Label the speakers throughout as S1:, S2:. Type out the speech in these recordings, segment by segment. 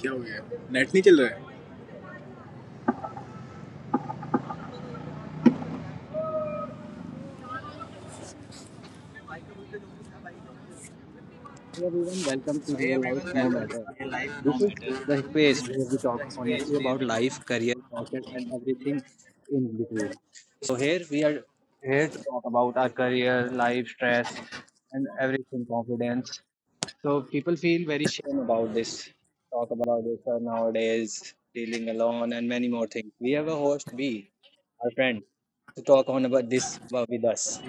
S1: क्या हो गया नेट नहीं चल रहा है?
S2: Hey everyone, welcome to Real Life No Matter. This is the space where we talk honestly about life, career, passion, and everything in between. So here we are here to talk about our career, life, stress, and everything, confidence. So people feel very shame about this. Talk about this nowadays, feeling alone, and many more things. We have a host B, our friend, to talk on about this with us.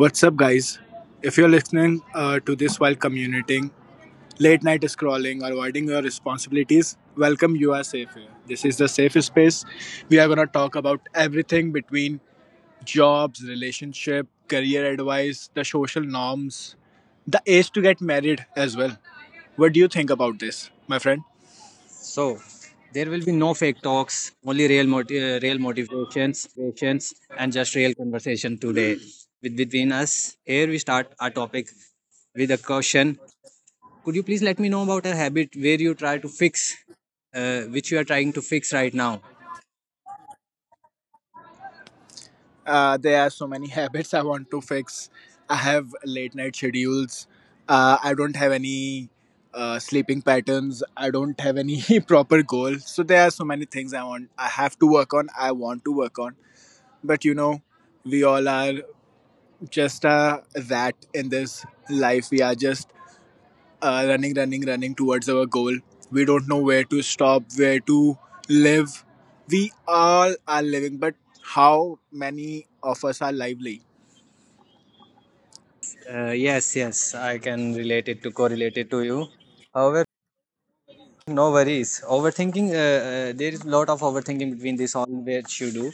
S1: What's up guys, if you are listening to this while commuting, late night scrolling, or avoiding your responsibilities, welcome. You are safe here. This is the safe space. We are going to talk about everything between jobs, relationship, career advice, the social norms, the age to get married as well. What do you think about this, my friend?
S2: So there will be no fake talks, only real, real motivations and just real conversation today with between us. Here we start our topic with a question. Could you please let me know about a habit where you try to fix, which you are trying to fix right now?
S1: There are so many habits I want to fix. I have late night schedules. I don't have any sleeping patterns. I don't have any proper goal. So there are so many things I want. I have to work on. I want to work on. But you know, we all are just that in this life. We are just running, running, running towards our goal. We don't know where to stop, where to live. We all are living, but how many of us are lively?
S2: Yes, yes, I can relate it to correlate it to you. However, no worries. Overthinking, there is a lot of overthinking between this all which you do,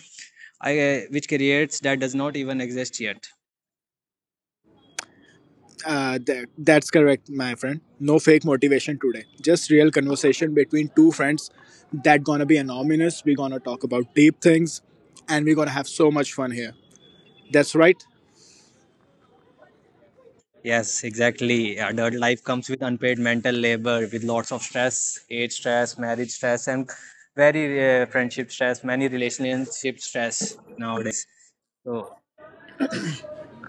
S2: which creates that does not even exist yet.
S1: That's correct, my friend. No fake motivation today. Just real conversation between two friends that gonna be anonymous. We're gonna talk about deep things and we're gonna have so much fun here. That's right.
S2: Yes, exactly. Adult life comes with unpaid mental labor, with lots of stress, age stress, marriage stress, and very friendship stress, many relationship stress nowadays. So,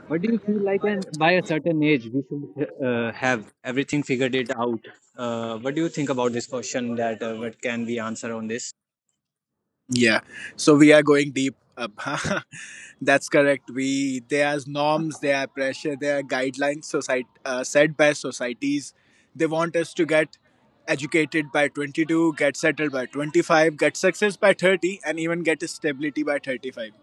S2: what do you feel like? And by a certain age, we should have everything figured it out. What do you think about this question? That what can we answer on this?
S1: Yeah. So we are going deep up. That's correct. We There are norms, there are pressure, there are guidelines society set by societies. They want us to get educated by 22, get settled by 25, get success by 30, and even get stability by 35.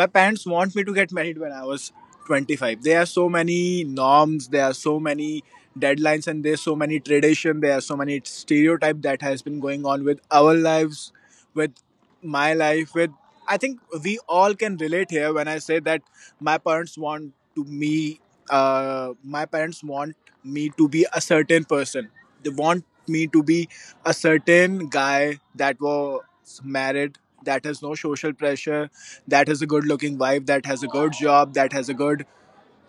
S1: My parents want me to get married when I was 25. There are so many norms, there are so many deadlines, and there's so many tradition, there are so many stereotype that has been going on with our lives, with my life, with, I think we all can relate here when I say that my parents want to me, my parents want me to be a certain person. They want me to be a certain guy that was married, that has no social pressure, that has a good looking wife, that has a good job, that has a good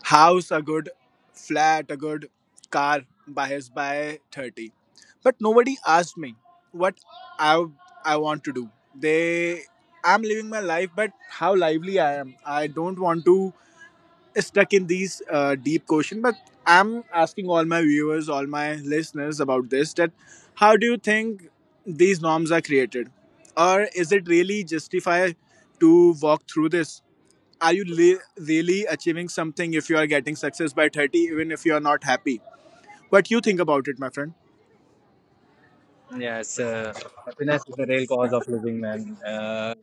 S1: house, a good flat, a good car by 30. But nobody asked me what I I want to do. They I'm living my life, but how lively I am. I don't want to stuck in these deep question, but I'm asking all my viewers, all my listeners about this, that how do you think these norms are created, or is it really justify to walk through this? Are you really achieving something if you are getting success by 30, even if you are not happy? What you think about it, my friend?
S2: Yes, happiness is the real cause of living, man.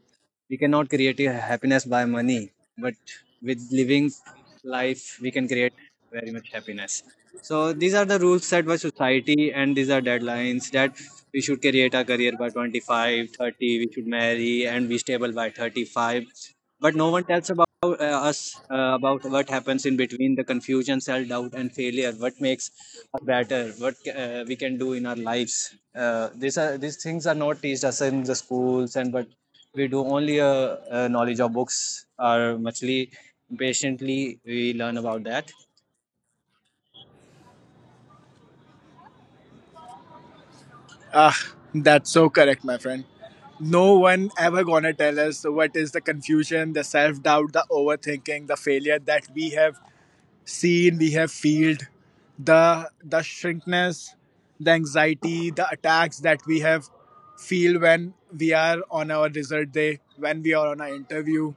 S2: We cannot create a happiness by money, but with living life, we can create very much happiness. So these are the rules set by society, and these are deadlines that we should create a career by 25, 30. We should marry and be stable by 35. But no one tells about us about what happens in between the confusion, self doubt, and failure. What makes us better? What we can do in our lives? These are these things are not teached us in the schools and but we do only a, knowledge of books or muchly patiently we learn about that.
S1: Ah, that's so correct, my friend. No one ever gonna tell us what is the confusion, the self-doubt, the overthinking, the failure that we have seen, we have felt, the shrinkness, the anxiety, the attacks that we have feel when we are on our result day, when we are on our interview,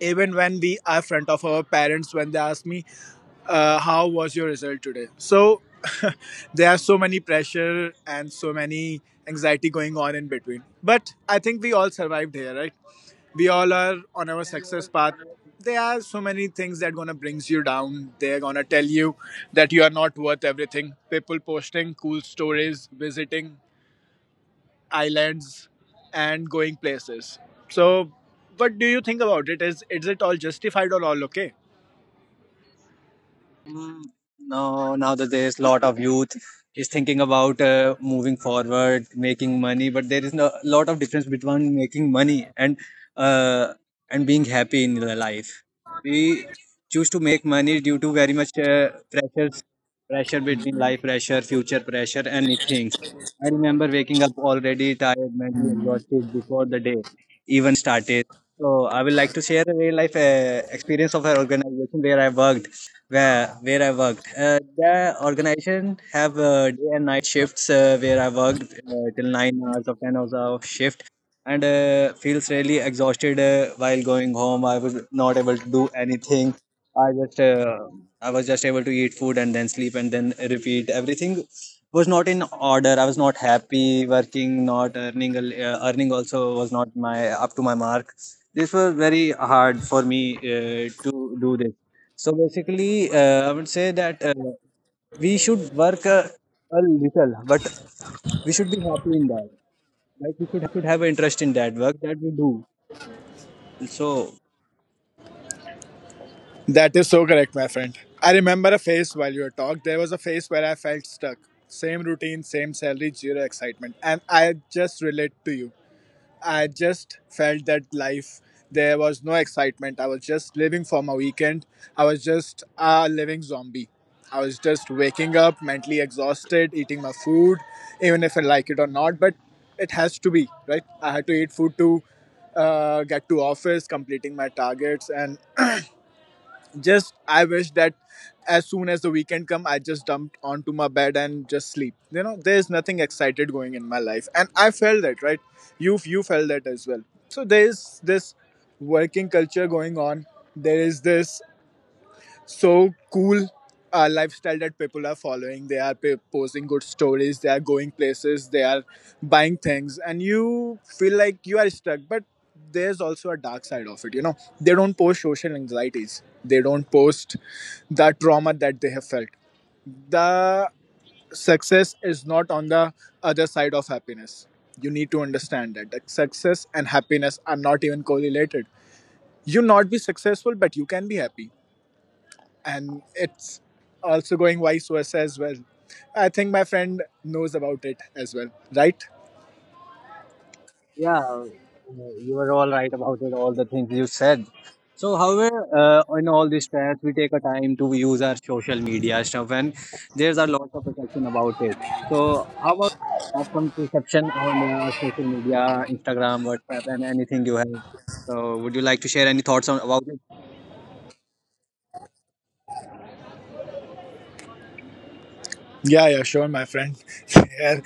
S1: even when we are front of our parents when they ask me, how was your result today? So there are so many pressure and so many anxiety going on in between. But I think we all survived here, right? We all are on our success path. There are so many things that gonna brings you down. They're gonna tell you that you are not worth everything. People posting cool stories, visiting islands, and going places. So, what do you think about it? Is it all justified or all okay?
S2: Mm, No, nowadays, a lot of youth is thinking about moving forward, making money, but there is a lot of difference between making money and uh, and being happy in the life. We choose to make money due to very much pressures, pressure between life pressure, future pressure, and many things. I remember waking up already tired, mentally exhausted before the day even started. So I would like to share a real life experience of an organization where I worked where I worked. The organization have day and night shifts where I worked till 9 hours or 10 hours of shift, and feels really exhausted while going home. I was not able to do anything. I just uh, I was just able to eat food and then sleep and then repeat. Everything was not in order. I was not happy working, not earning. Earning also was not my up to my mark. This was very hard for me to do this so basically, I would say that we should work a little, but we should be happy in that. Like we should have an interest in that work that we do. So
S1: That is so correct, my friend. I remember a phase while you were talk. There was a phase where I felt stuck. Same routine, same salary, zero excitement. And I just relate to you. I just felt that life, there was no excitement. I was just living for my weekend. I was just a living zombie. I was just waking up, mentally exhausted, eating my food, even if I like it or not. But it has to be, right? I had to eat food to get to office, completing my targets, and just I wish that as soon as the weekend come, I just dumped onto my bed and just sleep. You know, there's nothing excited going in my life, and I felt that, right? You felt that as well. So there is this working culture going on. There is this so cool lifestyle that people are following. They are posting good stories, they are going places, they are buying things, and you feel like you are stuck. But there's also a dark side of it. They don't post social anxieties, they don't post the trauma that they have felt. The success is not on the other side of happiness. You need to understand that the success and happiness are not even correlated. You not be successful, but you can be happy, and it's also going vice versa as well. I think my friend knows about it as well, right?
S2: yeah, you are all right about it, all the things you said. So, however, in all these times, we take a time to use our social media stuff, and there's a lot of perception about it. So, how about you have some perception on social media, Instagram, WhatsApp, and anything you have? So, would you like to share any thoughts on about it?
S1: Yeah, yeah, sure, my friend. Yeah.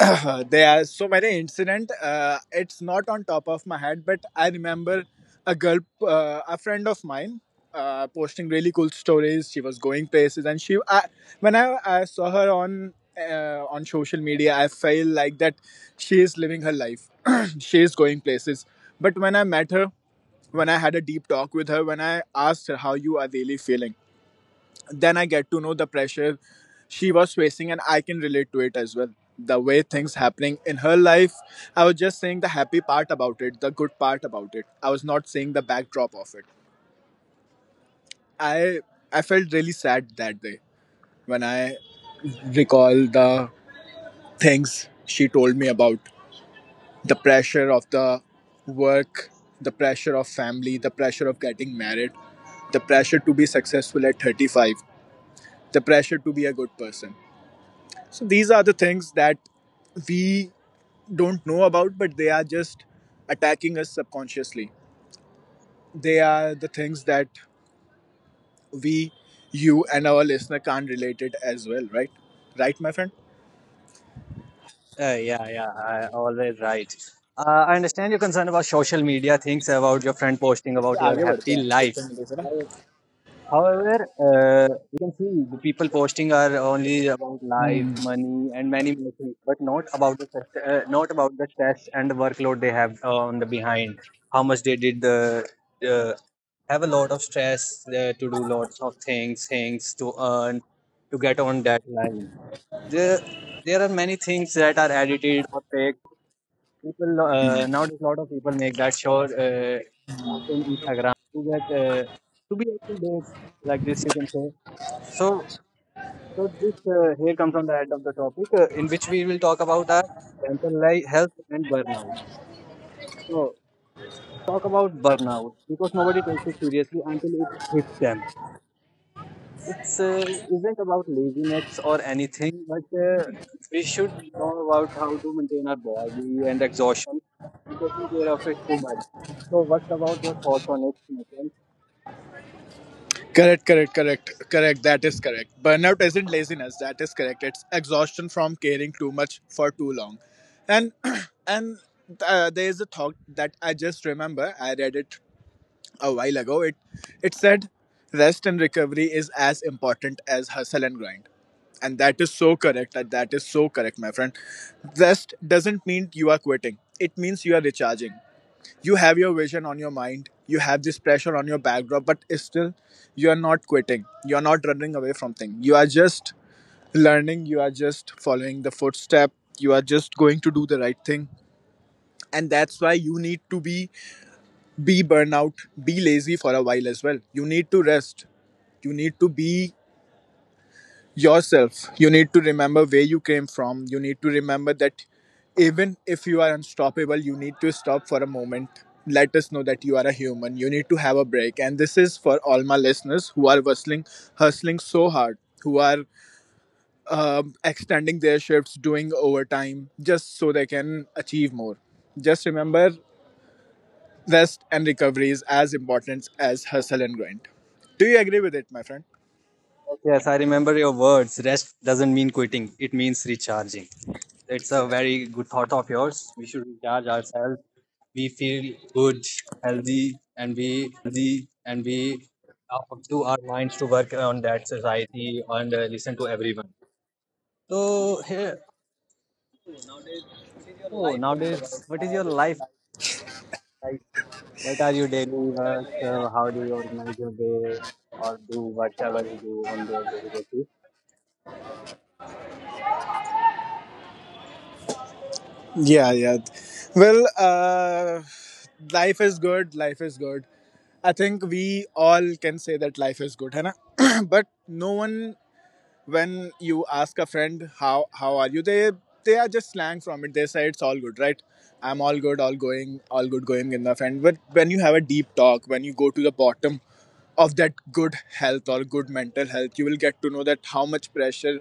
S1: There are so many incident. It's not on top of my head, but I remember a girl, a friend of mine, posting really cool stories. She was going places, and when I saw her on social media, I felt like that she is living her life. She is going places. But when I met her, when I had a deep talk with her, when I asked her how you are really feeling, then I get to know the pressure she was facing, and I can relate to it as well. The way things happening in her life, I was just saying the happy part about it, the good part about it. I was not saying the backdrop of it. I I felt really sad that day when I recall the things she told me about the pressure of the work, the pressure of family, the pressure of getting married, the pressure to be successful at 35, the pressure to be a good person. So these are the things that we don't know about, but they are just attacking us subconsciously. They are the things that we, you, and our listener can't relate it as well, right? Right, my friend?
S2: Yeah, yeah, I, always right. I understand your concern about social media things, about your friend posting
S1: इससे
S2: about your
S1: आगे बढ़ते
S2: happy
S1: हैं
S2: life.
S1: Social media से ना।
S2: However, we can see the people posting are only about life, money, and many more things, but not about the not about the stress and the workload they have on the behind. How much they did the uh, have a lot of stress to do lots of things to earn to get on that line. There there are many things that are edited or fake. People nowadays, a lot of people make that sure post in Instagram to get to be up to date, like this you can say. So, so this here comes on the end of the topic, in which we will talk about our mental life, health, and burnout. So, let's talk about burnout because nobody takes it seriously until it hits them. It's isn't about laziness or anything, but we should know about how to maintain our body and exhaustion and taking care of it too much. So, what about your thoughts on it, Nikhil?
S1: Correct, correct, correct, correct. That is correct. Burnout isn't laziness. That is correct. It's exhaustion from caring too much for too long, and and there is a thought that I just remember. I read it a while ago. It said rest and recovery is as important as hustle and grind. And that is so correct. That is so correct, my friend. Rest doesn't mean you are quitting. It means you are recharging. You have your vision on your mind. You have this pressure on your backdrop, but still you are not quitting. You are not running away from things. You are just learning. You are just following the footstep. You are just going to do the right thing. And that's why you need to be burnout, be lazy for a while as well. You need to rest. You need to be yourself. You need to remember where you came from. You need to remember that even if you are unstoppable, you need to stop for a moment. Let us know that you are a human. You need to have a break. And this is for all my listeners who are hustling, hustling so hard, who are extending their shifts, doing overtime just so they can achieve more. Just remember: rest and recovery is as important as hustle and grind. Do you agree with it, my friend?
S2: Yes, I remember your words. Rest doesn't mean quitting, it means recharging. It's a
S1: Correct.
S2: very good thought of yours. We should recharge ourselves. We feel good, healthy, and we are up to our minds to work on that society and listen to everyone. So, here, so, nowadays, what is your life going about? How is your life like? What are your daily works? Or how do you organize your day or do whatever you do on your daily basis?
S1: Yeah, yeah. Well, life is good. Life is good. I think we all can say that life is good, है ना? But no one, when you ask a friend how are you, they are just slang from it, they say it's all good, right? I'm all good, all going, all good going in the friend. But when you have a deep talk, when you go to the bottom of that good health or good mental health, you will get to know that how much pressure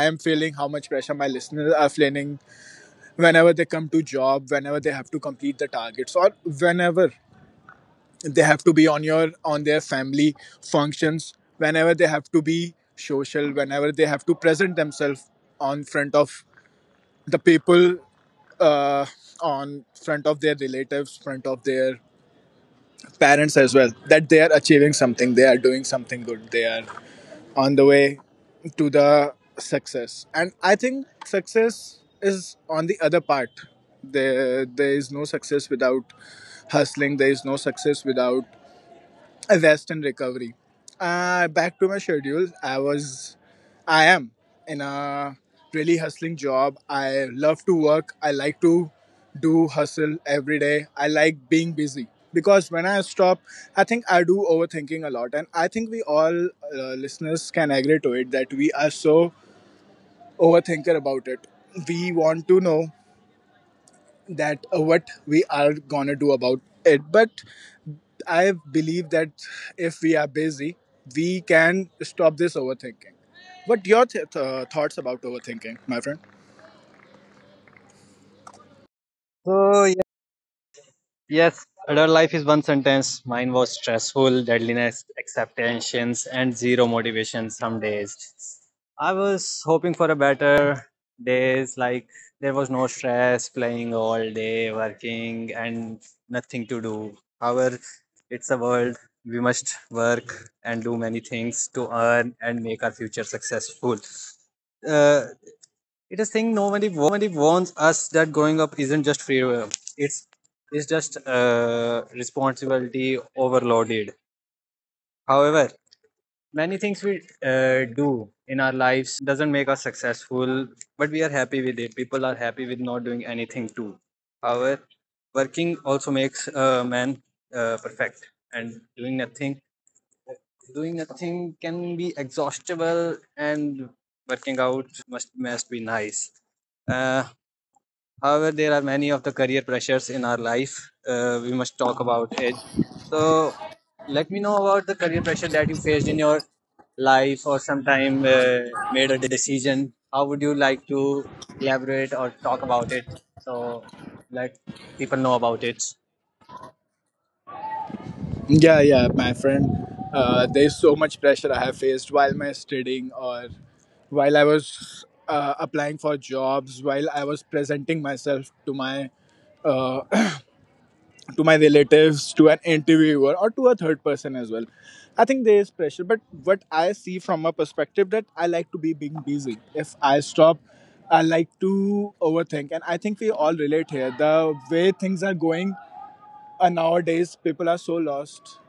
S1: I am feeling, how much pressure my listeners are feeling whenever they come to job, whenever they have to complete the targets, or whenever they have to be on their family functions, whenever they have to be social, whenever they have to present themselves on front of the people, uh, on front of their relatives, front of their parents as well, that they are achieving something, they are doing something good, they are on the way to the success. And I think success is on the other part. There is no success without hustling, there is no success without a rest and recovery. Back to my schedule. I am in a really hustling job. I love to work. I like to do hustle every day. I like being busy because when I stop, I think I do overthinking a lot, and I think we all listeners can agree to it that we are so overthinker about it. We want to know that what we are gonna do about it, but I believe that if we are busy, we can stop this overthinking. What your thoughts about overthinking, my friend?
S2: So, yes, adult life is one sentence. Mine was stressful, deadliness, acceptations, and zero motivation some days. I was hoping for a better days, like there was no stress, playing all day, working, and nothing to do. However, it's a world we must work and do many things to earn and make our future successful. Uh, it is thing nobody warns us that growing up isn't just freedom. It's it's just responsibility overloaded. However, many things we do in our lives doesn't make us successful, but we are happy with it. People are happy with not doing anything too. However, working also makes a man perfect, and doing nothing can be exhaustible, and working out must be nice. Uh, However, there are many of the career pressures in our life. We must talk about it. So, let me know about the career pressure that you faced in your life, or sometime made a decision. How would you like to elaborate or talk about it? So, let people know about it.
S1: Yeah, yeah, my friend. There's so much pressure I have faced while my studying, or while I was applying for jobs, while I was presenting myself uh, to my relatives, to an interviewer, or to a third person as well. I think there is pressure, but what I see from a perspective that I like to be being busy. If I stop, I like to overthink, and I think we all relate here. The way things are going nowadays, people are so lost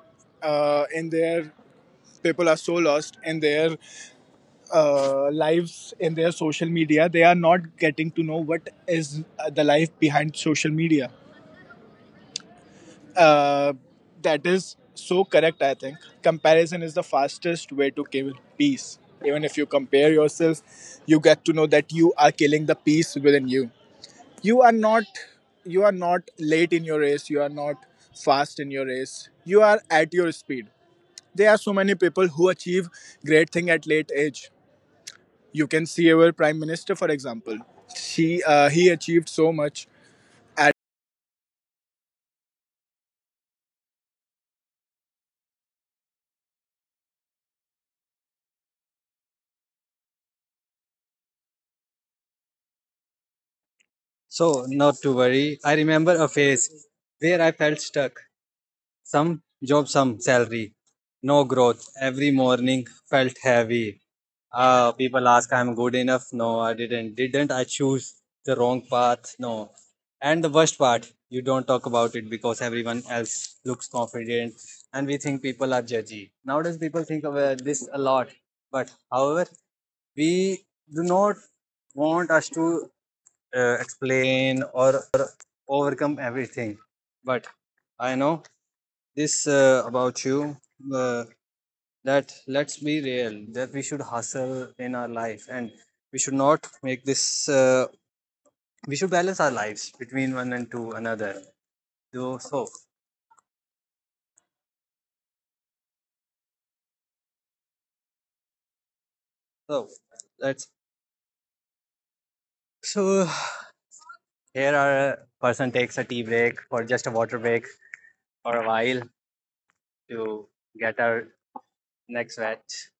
S1: in their people are so lost in their lives, in their social media. They are not getting to know what is the life behind social media. Uh, that is so correct, I think. Comparison is the fastest way to kill peace. Even if you compare yourself, you get to know that you are killing the peace within you. You are not you are not late in your race, you are not fast in your race. You are at your speed. There are so many people who achieve great thing at late age. You can see our prime minister for example. She He achieved so much at.
S2: So, not to worry. I remember a phase where I felt stuck. Some job, some salary, no growth. Every morning felt heavy people ask, I'm good enough, no, I didn't I choose the wrong path, no, and the worst part you don't talk about it because everyone else looks confident and we think people are judgy nowadays people think of this a lot but however we do not want us to explain or overcome everything but I know this about you. Uh, that let's be real that we should hustle in our life and we should not make this uh, we should balance our lives between one and to another so so so let's so here our person takes a tea break or just a water break for a while to get our next batch.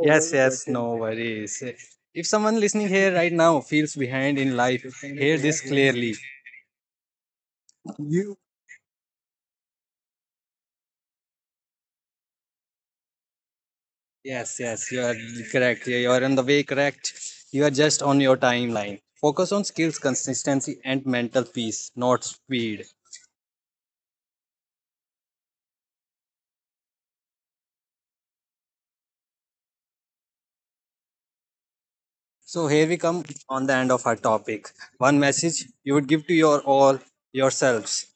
S2: Oh, yes very yes good. No worries if someone listening here right now feels behind in life hear this clearly. You yes, yes, you are correct. You are on the way correct. You are just on your timeline. Focus on skills, consistency, and mental peace, not speed. So here we come on the end of our topic. One message you would give to your all yourselves.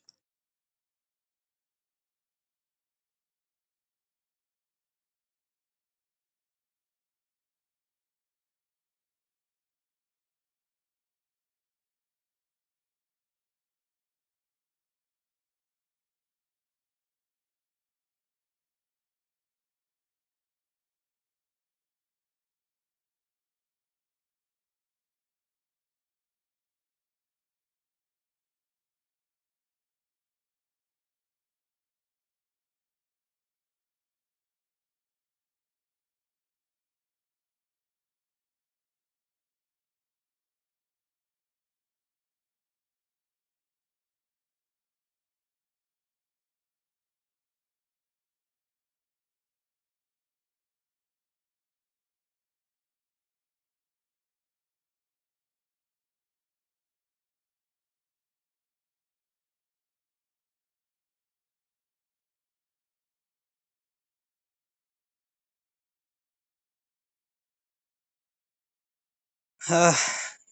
S2: Ah,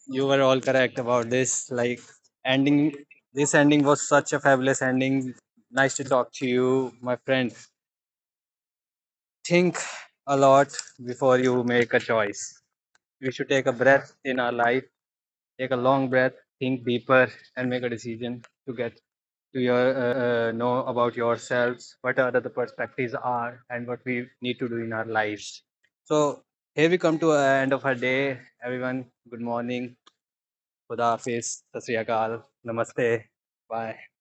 S2: you were all correct about this. Like ending, this ending was such a fabulous ending. Nice to talk to you, my friend. Think a lot before you make a choice. We should take a breath in our life, take a long breath, think deeper, and make a decision to get to your know about yourselves, what are the perspectives are, and what we need to do in our lives. So here we come to the end of our day. Everyone, good morning. Khuda Hafiz, Sasri Akal, Namaste, bye.